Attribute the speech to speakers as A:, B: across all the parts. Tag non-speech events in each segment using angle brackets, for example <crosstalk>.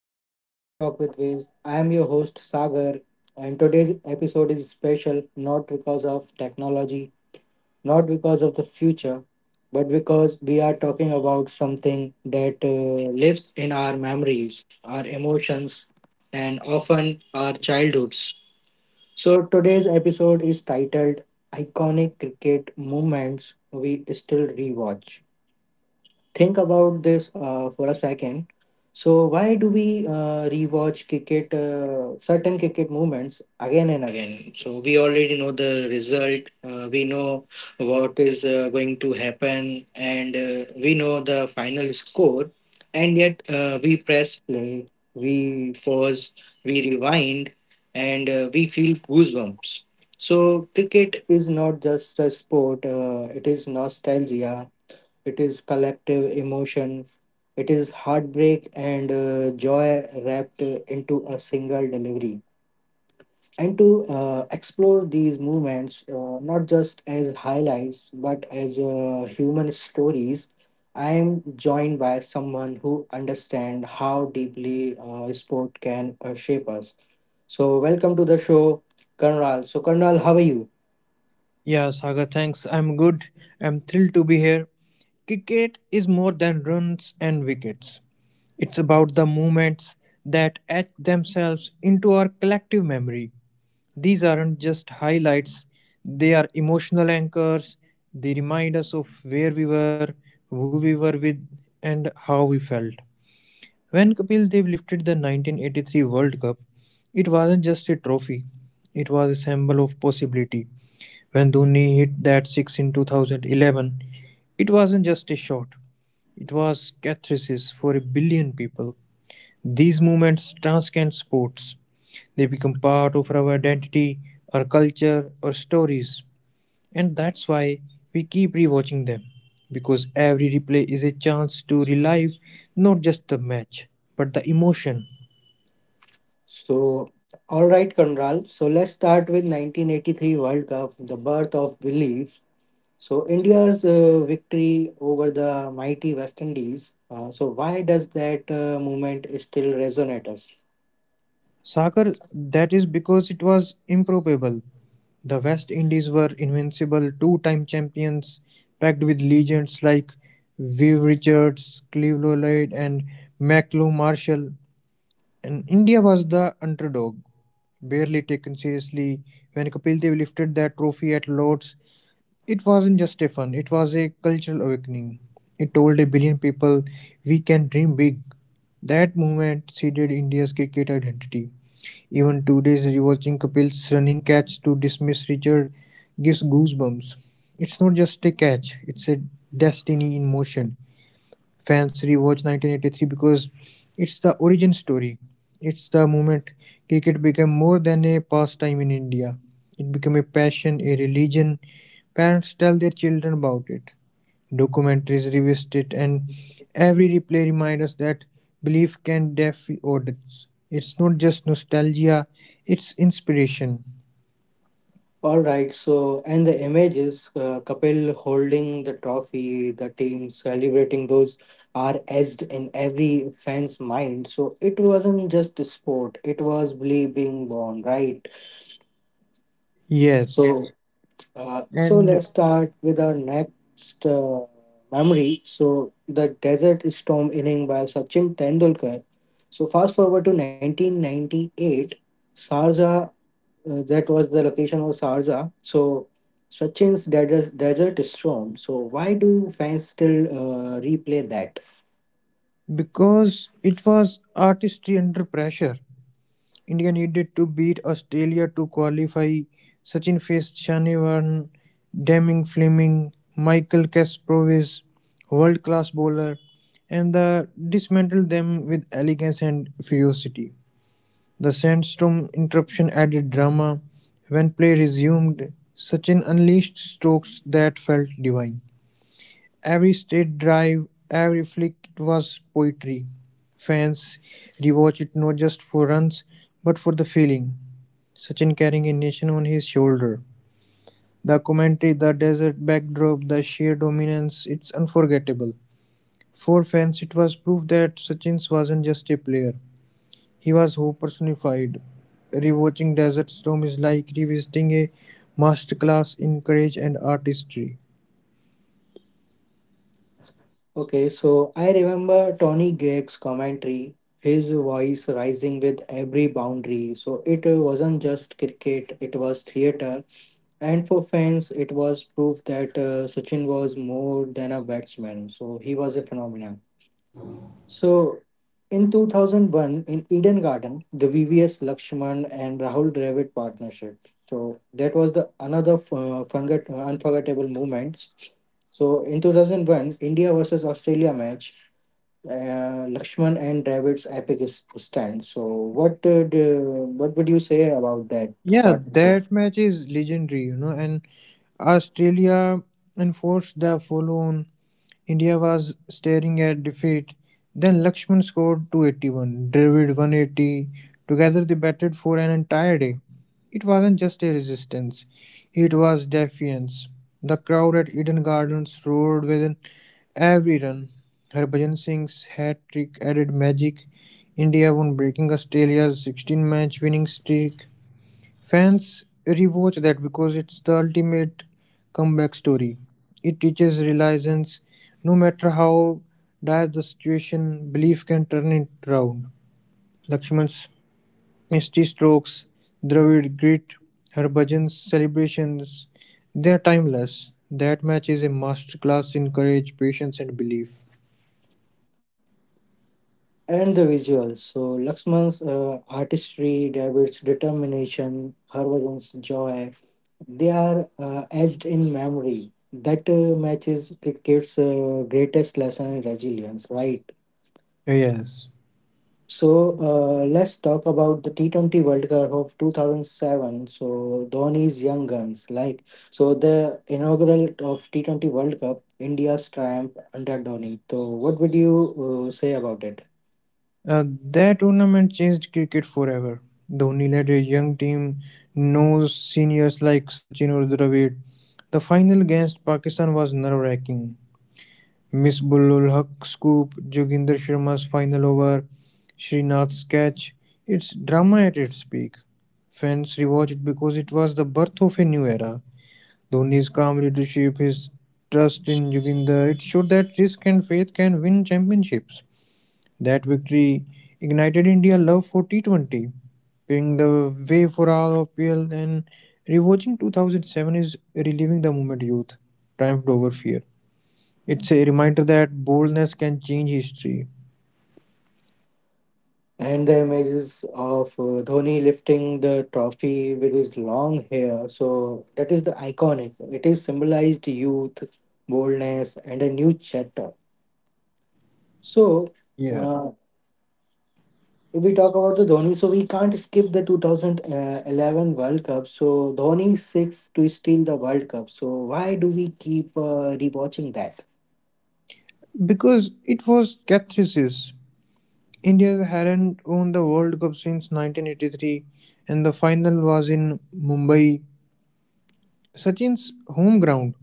A: welcome back to Talk with Viz. I am your host Sagar, and today's episode is special not because of technology, not because of the future, but because we are talking about something that lives in our memories, our emotions, and often our childhoods. So today's episode is titled Iconic Cricket Moments We Still Rewatch. Think about this for a second. So why do we rewatch cricket, certain cricket movements again and again? So we already know the result. We know what is going to happen, and we know the final score. And yet we press play, we pause, we rewind, and we feel goosebumps. So cricket is not just a sport; it is nostalgia, it is collective emotion, it is heartbreak and joy wrapped into a single delivery. And to explore these movements, not just as highlights but as human stories, I am joined by someone who understands how deeply sport can shape us. So, welcome to the show, Karnal. So, Karnal, how are you?
B: Yeah, Sagar, thanks. I'm good. I'm thrilled to be here. Cricket is more than runs and wickets, it's about the moments that etch themselves into our collective memory. These aren't just highlights, they are emotional anchors. They remind us of where we were, who we were with, and how we felt. When Kapil Dev lifted the 1983 World Cup, it wasn't just a trophy, it was a symbol of possibility. When Dhoni hit that six in 2011, it wasn't just a shot, it was catharsis for a billion people. These movements transcend sports. They become part of our identity, our culture, our stories. And that's why we keep rewatching them. Because every replay is a chance to relive not just the match, but the emotion.
A: So, all right, Conral. So, let's start with 1983 World Cup, the birth of belief. So, India's victory over the mighty West Indies. So, why does that movement still resonate us?
B: Sakar, that is because it was improbable. The West Indies were invincible, two time champions, packed with legends like Viv Richards, Clive Lloyd, and Macleod Marshall. And India was the underdog, barely taken seriously. When Kapil Dev lifted that trophy at Lord's, it wasn't just a fun, it was a cultural awakening. It told a billion people, we can dream big. That movement seeded India's cricket identity. Even today's rewatching Kapil's running catch to dismiss Richard gives goosebumps. It's not just a catch, it's a destiny in motion. Fans rewatch 1983 because it's the origin story. It's the moment cricket became more than a pastime in India. It became a passion, a religion. Parents tell their children about it. Documentaries revisit it, and every replay reminds us that belief can defy odds. It's not just nostalgia, it's inspiration.
A: All right. So, and the images, Kapil holding the trophy, the team celebrating, those are etched in every fan's mind. So, it wasn't just a sport; it was belief being born, right? So,
B: Yes,
A: so
B: and
A: let's start with our next memory. So the Desert Storm inning by Sachin Tendulkar. So fast forward to 1998, Sarja. That was the location of Sarja. So Sachin's Desert Storm. So why do fans still replay that?
B: because it was artistry under pressure, India needed to beat Australia to qualify. Sachin faced Shanivaran, Deming Fleming, Michael Kasparov, world-class bowler, and they dismantled them with elegance and ferocity. The sandstorm interruption added drama. When play resumed, Sachin unleashed strokes that felt divine. Every state drive, every flick, it was poetry. Fans rewatch it not just for runs but for the feeling. Sachin carrying a nation on his shoulder. The commentary, the desert backdrop, the sheer dominance, it's unforgettable. For fans, it was proof that Sachin wasn't just a player, he was hope personified. Rewatching Desert Storm is like revisiting a masterclass in courage and artistry.
A: Okay, so I remember Tony Gregg's commentary, his voice rising with every boundary. So it wasn't just cricket, it was theater. And for fans, it was proof that Sachin was more than a batsman. So he was a phenomenon. So in 2001, in Eden Garden, the VVS Lakshman and Rahul Dravid partnership. So that was the another unforgettable moment. So in 2001, India versus Australia match, uh, Lakshman and Dravid's stand. So what would you say about that
B: Yeah,
A: partnership?
B: that match is legendary, and Australia enforced the follow on. India was staring at defeat. Then Lakshman scored 281, Dravid 180. Together they batted for an entire day. It wasn't just a resistance, it was defiance. The crowd at Eden Gardens roared with every run. Harbhajan Singh's hat trick added magic. India won, breaking Australia's 16 match winning streak. Fans rewatch that because it's the ultimate comeback story. It teaches resilience. No matter how dire the situation, belief can turn it round. Lakshman's misty strokes, Dravid grit, Harbhajan's celebrations, they are timeless. That match is a masterclass in courage, patience, and belief.
A: And the visuals. So Laxman's artistry, David's determination, Harbhajan's joy, they are etched in memory. That matches cricket's greatest lesson in resilience, right?
B: Yes.
A: So let's talk about the T20 World Cup of 2007. So Dhoni's young guns, like so the inaugural of T20 World Cup, India's triumph under Dhoni. So what would you say about it?
B: Uh, that tournament changed cricket forever. Dhoni led a young team, no seniors like Sachin or Dravid. The final against Pakistan was nerve wracking. Misbulul Haq scoop, Joginder Sharma's final over, Srinath's catch. It's drama at its peak. Fans rewatch it because it was the birth of a new era. Dhoni's calm leadership, his trust in Joginder, it showed that risk and faith can win championships. That victory ignited India's love for T20, paving the way for our ROPL, and rewatching 2007 is reliving the moment youth triumphed over fear. It's a reminder that boldness can change history.
A: And the images of Dhoni lifting the trophy with his long hair. So that is the iconic. It is symbolized youth, boldness, and a new chapter. So
B: Yeah.
A: uh, if we talk about the Dhoni, so we can't skip the 2011 World Cup. So Dhoni six to steal the World Cup. So why do we keep rewatching that?
B: Because it was catharsis. India hadn't won the World Cup since 1983, and the final was in Mumbai, Sachin's home ground.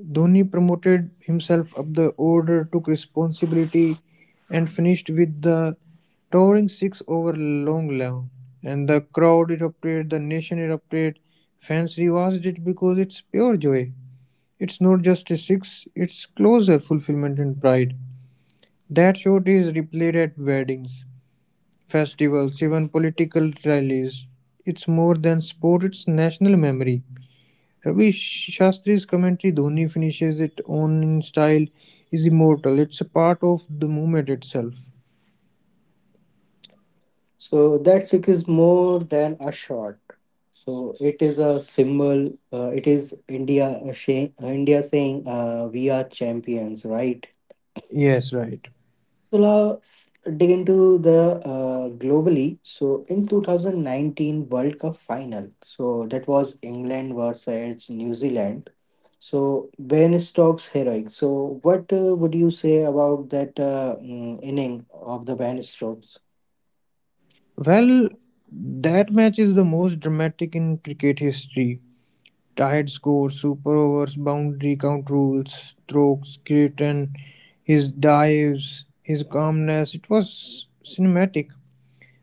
B: Dhoni promoted himself up the order, took responsibility, and finished with the towering six over long lawn. And the crowd erupted, the nation erupted, fans rewatched it because it's pure joy. It's not just a six, it's closer fulfillment and pride. That shot is replayed at weddings, festivals, even political rallies. It's more than sport, it's national memory. Ravi Shastri's commentary, "Dhoni finishes it on in style," is immortal. It's a part of the movement itself.
A: So that sikh is more than a shot. So it is a symbol. It is India saying, "We are champions," right?
B: Yes, right.
A: So now dig into the globally. So in 2019 World Cup final, so that was England versus New Zealand. So Ben Stokes heroic. So what would you say about that inning of the Ben Stokes?
B: Well, that match is the most dramatic in cricket history. Tied score, super overs, boundary count rules, strokes, Creighton, his dives, his calmness. It was cinematic.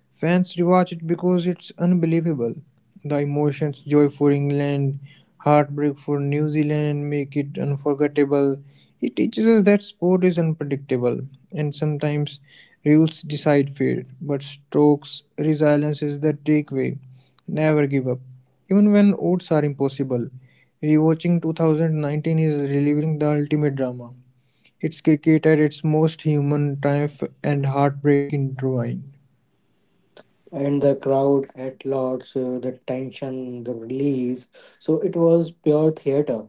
B: Fans rewatch it because it's unbelievable. The emotions, joy for England, heartbreak for New Zealand, make it unforgettable. It teaches us that sport is unpredictable and sometimes rules decide fate. But Stokes' resilience is the takeaway. Never give up, even when odds are impossible. Rewatching 2019 is reliving the ultimate drama. It's cricket at its most human, triumph and heartbreak intertwined.
A: And the crowd at large, the tension, the release. So it was pure theater.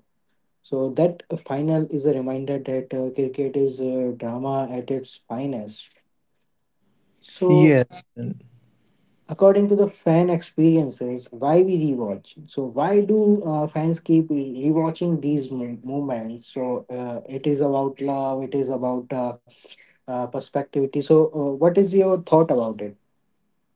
A: So that final is a reminder that cricket is drama at its finest. So
B: Yes.
A: according to the fan experiences, why we rewatch? So why do fans keep rewatching moments? So it is about love. It is about perspectivity. So what is your thought about it?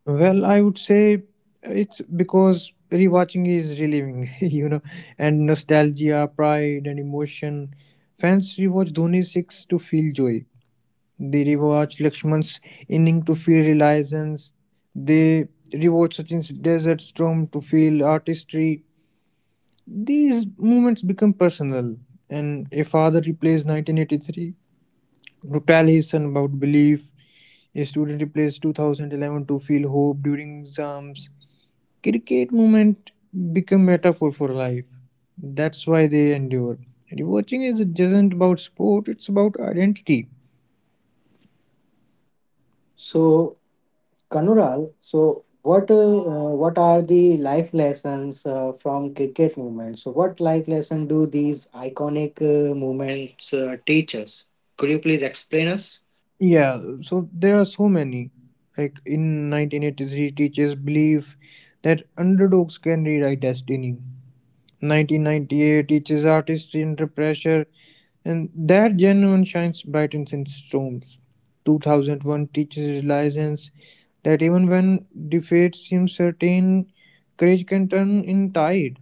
B: Well, I would say it's because rewatching is relieving, <laughs> and nostalgia, pride, and emotion. Fans rewatch Dhoni's six to feel joy. They rewatch Lakshman's inning to feel reliance. They rewatch Sachin's desert storm to feel artistry. These moments become personal, and a father replays 1983 to tell his son about belief. A student replays 2011 to feel hope during exams. Cricket moments become metaphor for life. That's why they endure. And watching is isn't about sport, it's about identity.
A: So Kanural, so what are the life lessons from cricket movement? So what life lesson do these iconic movements teach us? Could you please explain us?
B: Yeah, so there are so many. Like in 1983, teachers believe that underdogs can rewrite destiny. 1998 teaches artistry under pressure, and that genuine shines brightens in storms. 2001 teaches resilience, that even when defeat seems certain, courage can turn in tide.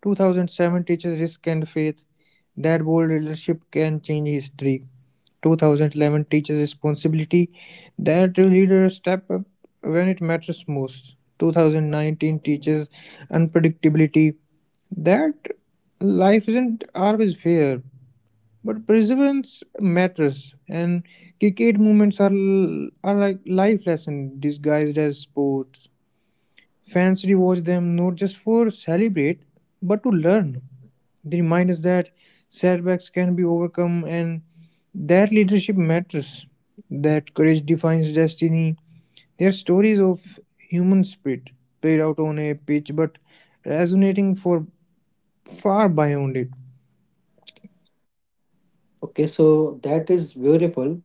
B: 2007 teaches risk and faith, that bold leadership can change history. 2011 teaches responsibility, that leaders step up when it matters most. 2019 teaches unpredictability, that life isn't always fair, but perseverance matters. And cricket movements are like life lessons disguised as sports. Fans rewatch them not just for celebrate, but to learn. They remind us that setbacks can be overcome, and that leadership matters, that courage defines destiny. They are stories of human spirit played out on a pitch but resonating for far beyond it.
A: Okay, so that is beautiful.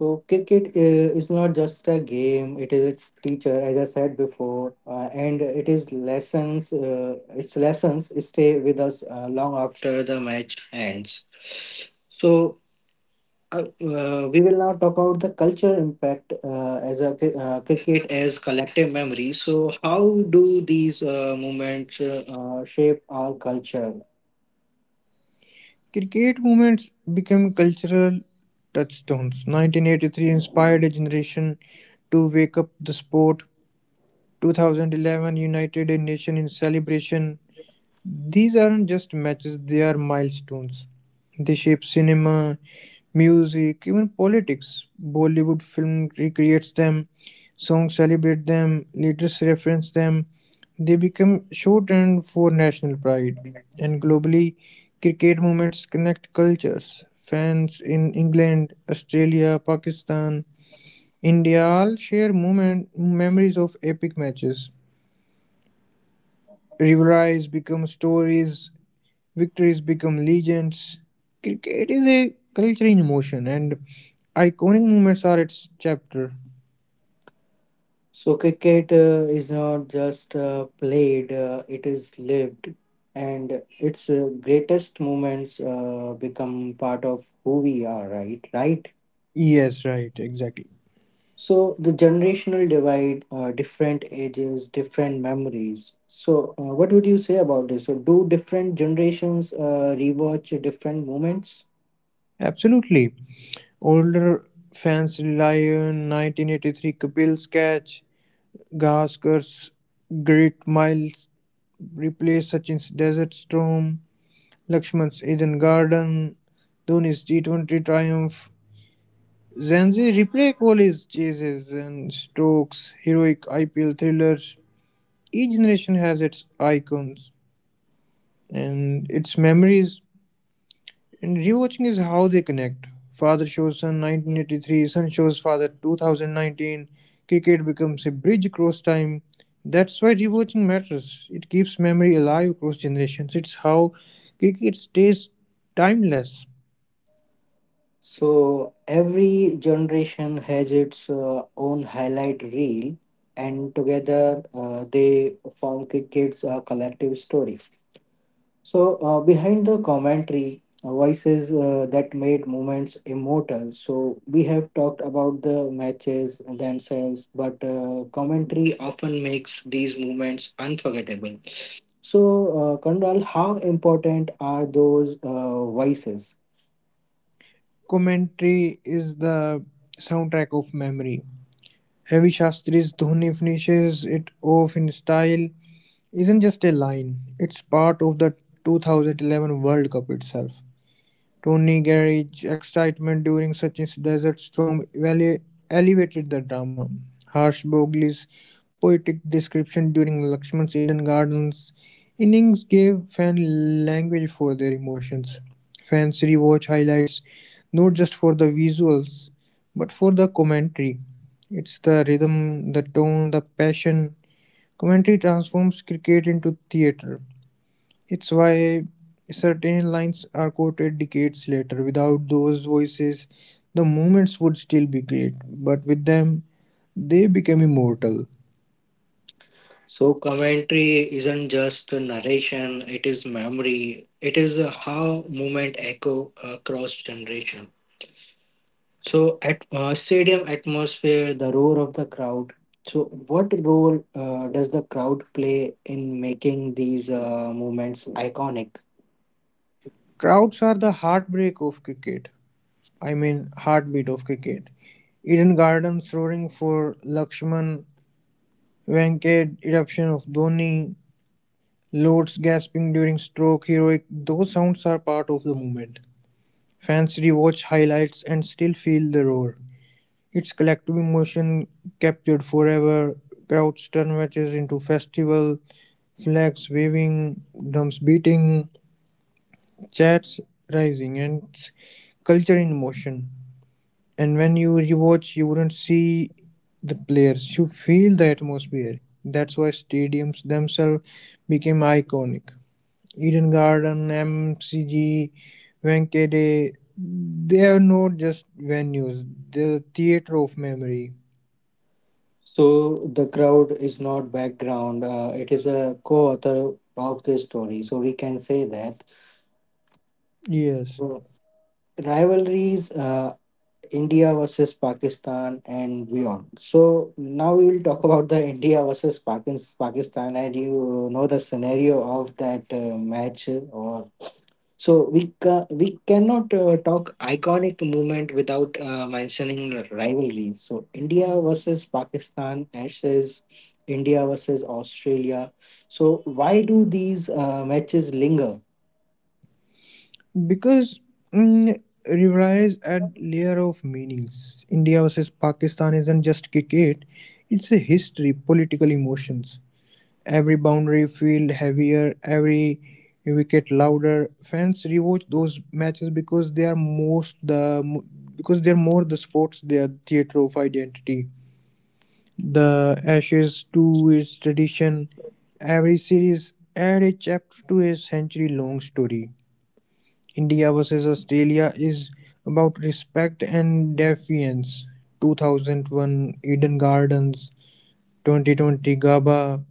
A: So cricket is not just a game; it is a teacher, as I said before, and it is lessons. Its lessons stay with us long after the match ends. So we will now talk about the culture impact cricket as collective memory. So, how do these movements shape our culture?
B: Cricket movements became cultural touchstones. 1983 inspired a generation to wake up the sport. 2011 United Nations in Celebration. These aren't just matches, they are milestones. They shape cinema, music, even politics. Bollywood film recreates them, songs celebrate them, leaders reference them. They become shorthand for national pride. And globally, cricket movements connect cultures. Fans in England, Australia, Pakistan, India all share moment, memories of epic matches, rivalries become stories, victories become legends. Cricket is a culture in motion, and iconic moments are its chapter.
A: So, cricket is not just played; it is lived, and its greatest moments become part of who we are. Right, right.
B: Yes, right, exactly.
A: So the generational divide, different ages, different memories. So what would you say about this? So do different generations rewatch different moments?
B: Absolutely. Older fans rely on 1983, Kapil's catch, Gaskar's great miles replace Sachin's desert storm, Lakshman's Eden garden, Dhoni's T20 triumph, Zanzi replay Kohli's chases and strokes heroic IPL thrillers. Each generation has its icons and its memories, and rewatching is how they connect. Father shows son 1983, son shows father 2019. Cricket becomes a bridge across time. That's why rewatching matters. It keeps memory alive across generations. It's how cricket stays timeless.
A: So every generation has its own highlight reel, and together they form kids a collective story. So, behind the commentary, voices that made moments immortal. So, we have talked about the matches themselves, but commentary often makes these moments unforgettable. So, Kandal, how important are those voices?
B: Commentary is the soundtrack of memory. Ravi Shastri's "Dhoni finishes it off in style" isn't just a line, it's part of the 2011 World Cup itself. Tony Gage's excitement during such a desert storm ele- elevated the drama. Harsh Bogley's poetic description during Lakshman's Eden Gardens innings gave fan language for their emotions. Fans rewatch highlights not just for the visuals but for the commentary. It's the rhythm, the tone, the passion. Commentary transforms cricket into theatre. It's why certain lines are quoted decades later. Without those voices, the moments would still be great, but with them, they became immortal.
A: So, commentary isn't just a narration, it is memory, it is how movement echo across generation. So, at stadium atmosphere, the roar of the crowd. So, what role does the crowd play in making these moments iconic?
B: Crowds are the heartbreak of cricket. I mean, heartbeat of cricket. Eden Gardens roaring for Lakshman, Venkat eruption of Dhoni, Lords gasping during stroke, heroic. Those sounds are part of the moment. Fans rewatch highlights and still feel the roar. Its collective emotion captured forever. Crowds turn matches into festival, flags waving, drums beating, chants rising, and culture in motion. And when you rewatch, you wouldn't see the players, you feel the atmosphere. That's why stadiums themselves became iconic. Eden Garden, MCG, Wankhede, they are not just venues, they're the theater of memory.
A: So, the crowd is not background, it is a co author of this story. So, we can say that.
B: Yes,
A: So, rivalries, India versus Pakistan, and beyond. So, now we will talk <laughs> about the Pakistan, and you know the scenario of that match or so we cannot talk iconic movement without mentioning rivalries. So India versus Pakistan, Ashes, India versus Australia. So why do these matches linger?
B: because mm, rivalize add layer of meanings. India versus Pakistan isn't just cricket; it's a history, political emotions. Every boundary feel heavier, every wicket louder. Fans rewatch those matches because they're more the sports, their theater of identity. The Ashes too is tradition. Every series add a chapter to a century long story. India versus Australia is about respect and defiance. 2001 Eden Gardens, 2020 GABA.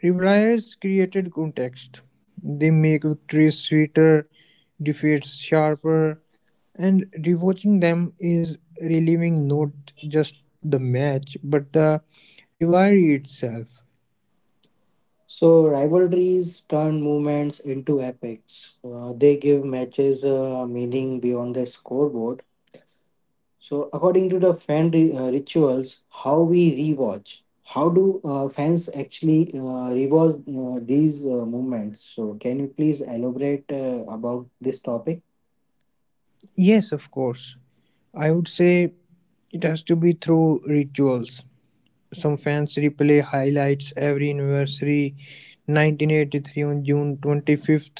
B: Revilers created context. They make victories sweeter, defeats sharper, and rewatching them is reliving not just the match but the rivalry itself.
A: So rivalries turn movements into epics. They give matches meaning beyond the scoreboard. So, according to the fan rituals, how we rewatch, how do fans actually rewatch these movements? So, can you please elaborate about this topic?
B: Yes, of course. I would say it has to be through rituals. Some fans replay highlights every anniversary: 1983 on June 25th,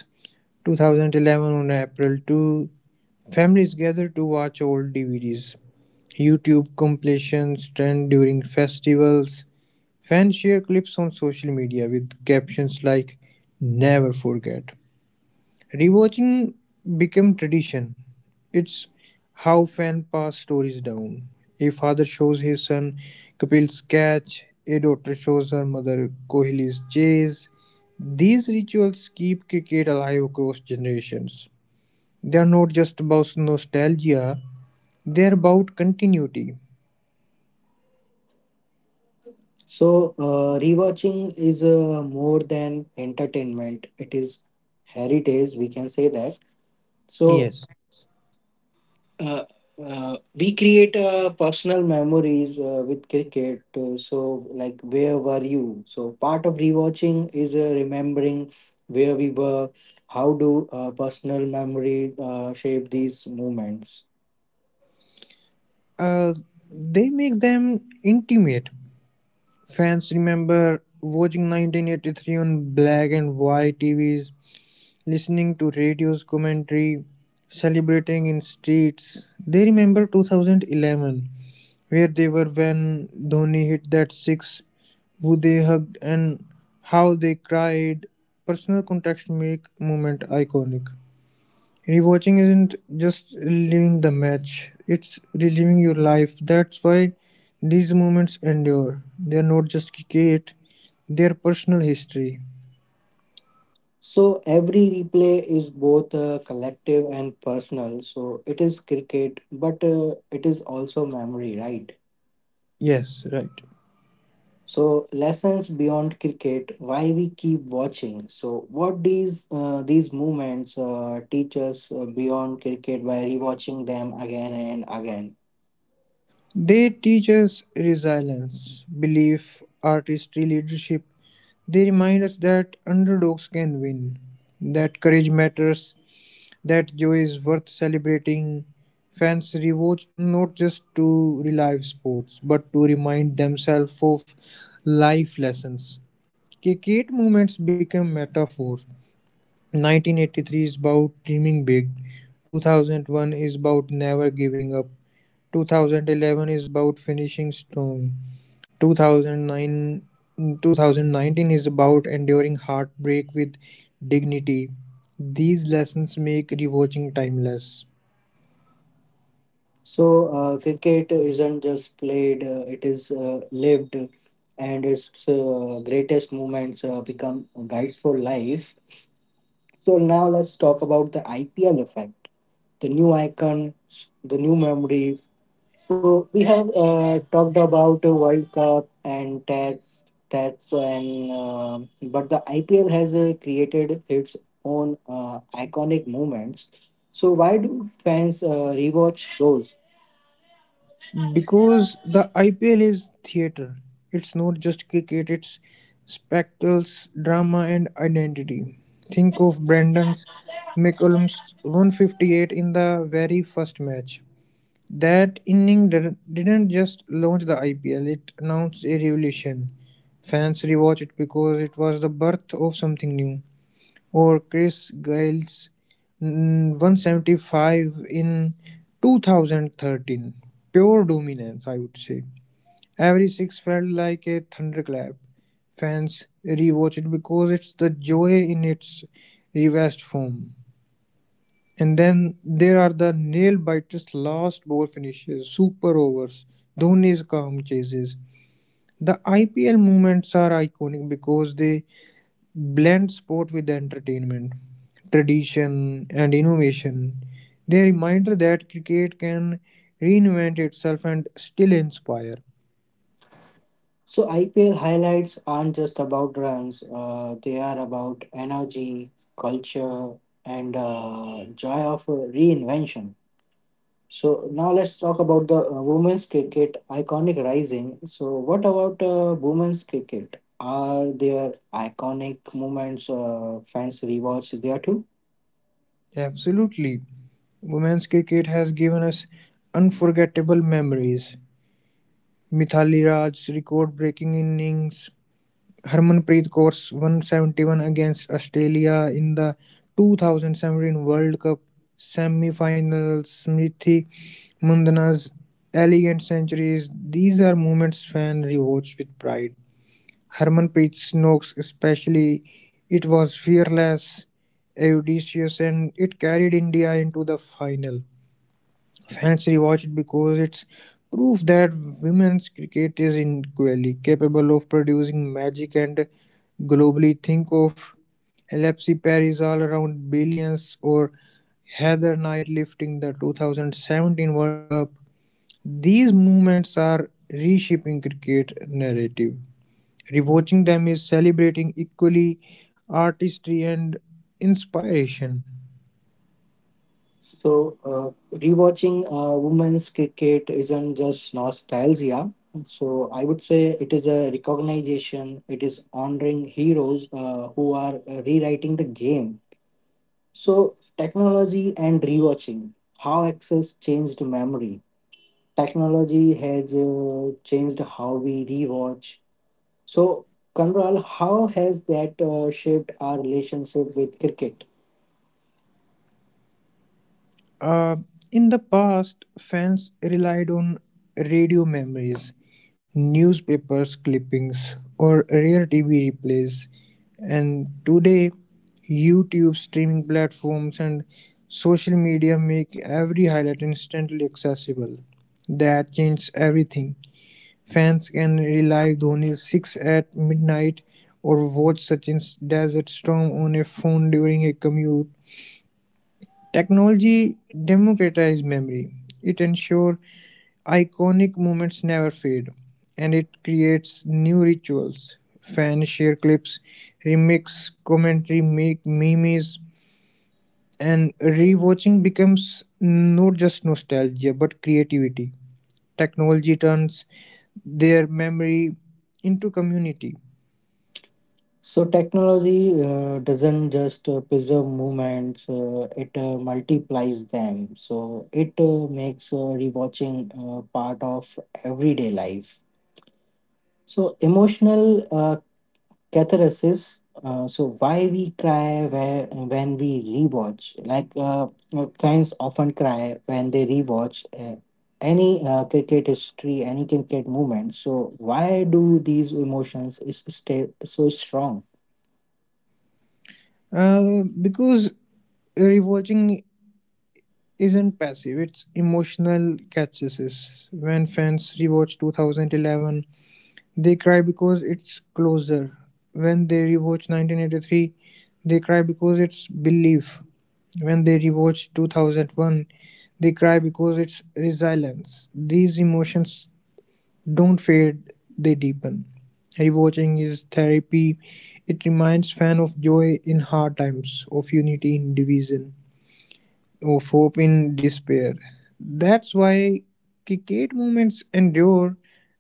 B: 2011 on April 2. Families gather to watch old DVDs, YouTube compilations, trend during festivals. Fans share clips on social media with captions like "Never forget." Rewatching became tradition. It's how fan pass stories down. A father shows his son Kapil's catch, a daughter shows her mother Kohli's chase. These rituals keep cricket alive across generations. They are not just about nostalgia, they are about continuity.
A: So, rewatching is more than entertainment, it is heritage, we can say that. So,
B: Yes.
A: uh, we create personal memories with cricket. So, like, where were you? So, part of rewatching is remembering where we were. How do personal memory shape these moments?
B: Uh, they make them intimate. Fans remember watching 1983 on black and white TVs, listening to radio's commentary, celebrating in streets. They remember 2011, where they were when Dhoni hit that six, who they hugged and how they cried. Personal context make moment iconic. Rewatching isn't just reliving the match, it's reliving your life. That's why these moments endure. They are not just cricket, they are personal history.
A: So, every replay is both collective and personal. So, it is cricket, but it is also memory, right?
B: Yes, right.
A: So lessons beyond cricket, why we keep watching. So what these movements teach us beyond cricket by rewatching them again and again.
B: They teach us resilience, belief, artistry, leadership. They remind us that underdogs can win, that courage matters, that joy is worth celebrating. Fans rewatch not just to relive sports, but to remind themselves of life lessons. Cricket moments become metaphors. 1983 is about dreaming big. 2001 is about never giving up. 2011 is about finishing strong. 2009, 2019 is about enduring heartbreak with dignity. These lessons make rewatching timeless.
A: So cricket isn't just played; it is lived, and its greatest moments become guides for life. So now let's talk about the IPL effect, the new icons, the new memories. So we have talked about World Cup and tax, tax, and but the IPL has created its own iconic moments. So why do fans rewatch those?
B: Because the IPL is theatre. It's not just cricket, it's spectacles, drama, and identity. Think of Brandon's McCollum's 158 in the very first match. That inning didn't just launch the IPL, it announced a revolution. Fans rewatched it because it was the birth of something new. Or Chris Gail's 175 in 2013. Pure dominance, I would say. Every six felt like a thunderclap. Fans rewatch it because it's the joy in its revised form. And then there are the nail biters, last ball finishes, super overs, Dhoni's calm chases. The IPL moments are iconic because they blend sport with entertainment, tradition, and innovation. They reminder that cricket can reinvent itself and still inspire.
A: So IPL highlights aren't just about runs; they are about energy, culture, and joy of reinvention. So now let's talk about the women's cricket iconic rising. So what about women's cricket? Are there iconic moments fans rewatch there too?
B: Absolutely. Women's cricket has given us unforgettable memories. Mithali Raj's record breaking innings, Harmanpreet Kaur 171 against Australia in the 2017 World Cup semi-final. Smriti Mundana's elegant centuries. These are moments fans rewatch with pride. Harmanpreet Snokes especially, it was fearless, audacious, and it carried India into the final. Fans rewatch it because it's proof that women's cricket is equally capable of producing magic and globally think of Alexi Paris all around brilliance or Heather Knight lifting the 2017 World Cup. These moments are reshaping cricket narrative. Rewatching them is celebrating equally artistry and inspiration.
A: So rewatching women's cricket isn't just nostalgia. So I would say it is a recognition. It is honoring heroes who are rewriting the game. So technology and rewatching, how access changed memory. Technology has changed how we rewatch. So, Kanral, how has that shaped our relationship with cricket?
B: Uh, in the past, fans relied on radio memories, newspapers clippings, or rare TV replays. And today, YouTube streaming platforms and social media make every highlight instantly accessible. That changed everything. Fans can relive Dhoni's six at midnight or watch Sachin's desert storm on a phone during a commute. Technology democratizes memory; it ensures iconic moments never fade, and it creates new rituals. Fans share clips, remix commentary, make memes, and rewatching becomes not just nostalgia but creativity. Technology turns their memory into community.
A: So, technology doesn't just preserve movements, it multiplies them. So, it makes rewatching part of everyday life. So, emotional catharsis. So why we cry where, when we rewatch? Like fans often cry when they rewatch any cricket history, any cricket movement. So why do these emotions is stay so strong?
B: Because rewatching isn't passive, it's emotional catharsis. When fans rewatch 2011, they cry because it's closer. When they rewatch 1983, they cry because it's belief. When they rewatch 2001, they cry because it's resilience. These emotions don't fade, they deepen. Rewatching is therapy. It reminds fan of joy in hard times, of unity in division, of hope in despair. That's why Kikate moments endure.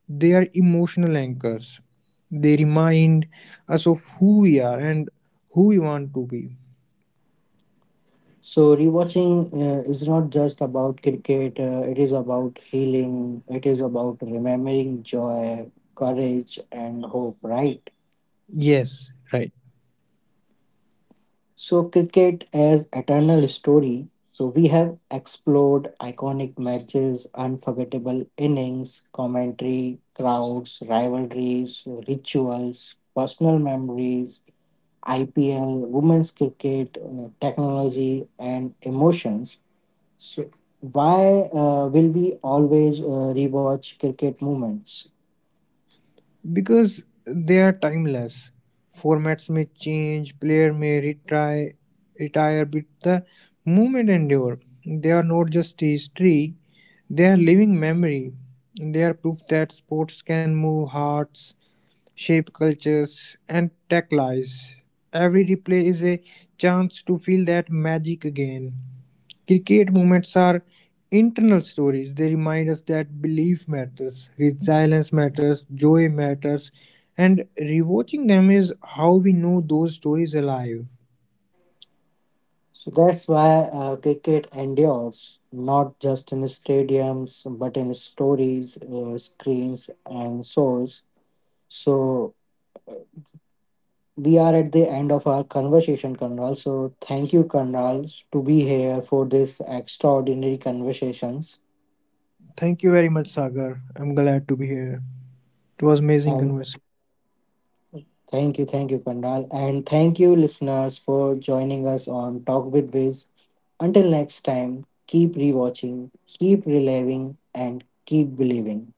B: They are emotional anchors. They remind us of who we are and who we want to be.
A: So rewatching is not just about cricket. It is about healing. It is about remembering joy, courage, and hope. Right.
B: Yes, right.
A: So, cricket as eternal story. So, we have explored iconic matches, unforgettable innings, commentary, crowds, rivalries, rituals, personal memories, IPL, women's cricket, technology, and emotions. So, why will we always rewatch cricket moments?
B: Because they are timeless. Formats may change, player may retry, retire, but the movement endure. They are not just history, they are living memory. They are proof that sports can move hearts, shape cultures, and tech tackles. Every replay is a chance to feel that magic again. Cricket moments are internal stories. They remind us that belief matters, resilience matters, joy matters, and rewatching them is how we know those stories alive.
A: So that's why cricket endures, not just in stadiums, but in stories, screens, and souls. So uh, we are at the end of our conversation, Kanral. So thank you, Kanral, to be here for this extraordinary conversations.
B: Thank you very much, Sagar. I'm glad to be here. It was amazing
A: And
B: conversation.
A: thank you, Kanral. And thank you, listeners, for joining us on Talk with Viz. Until next time, keep rewatching, keep reliving, and keep believing.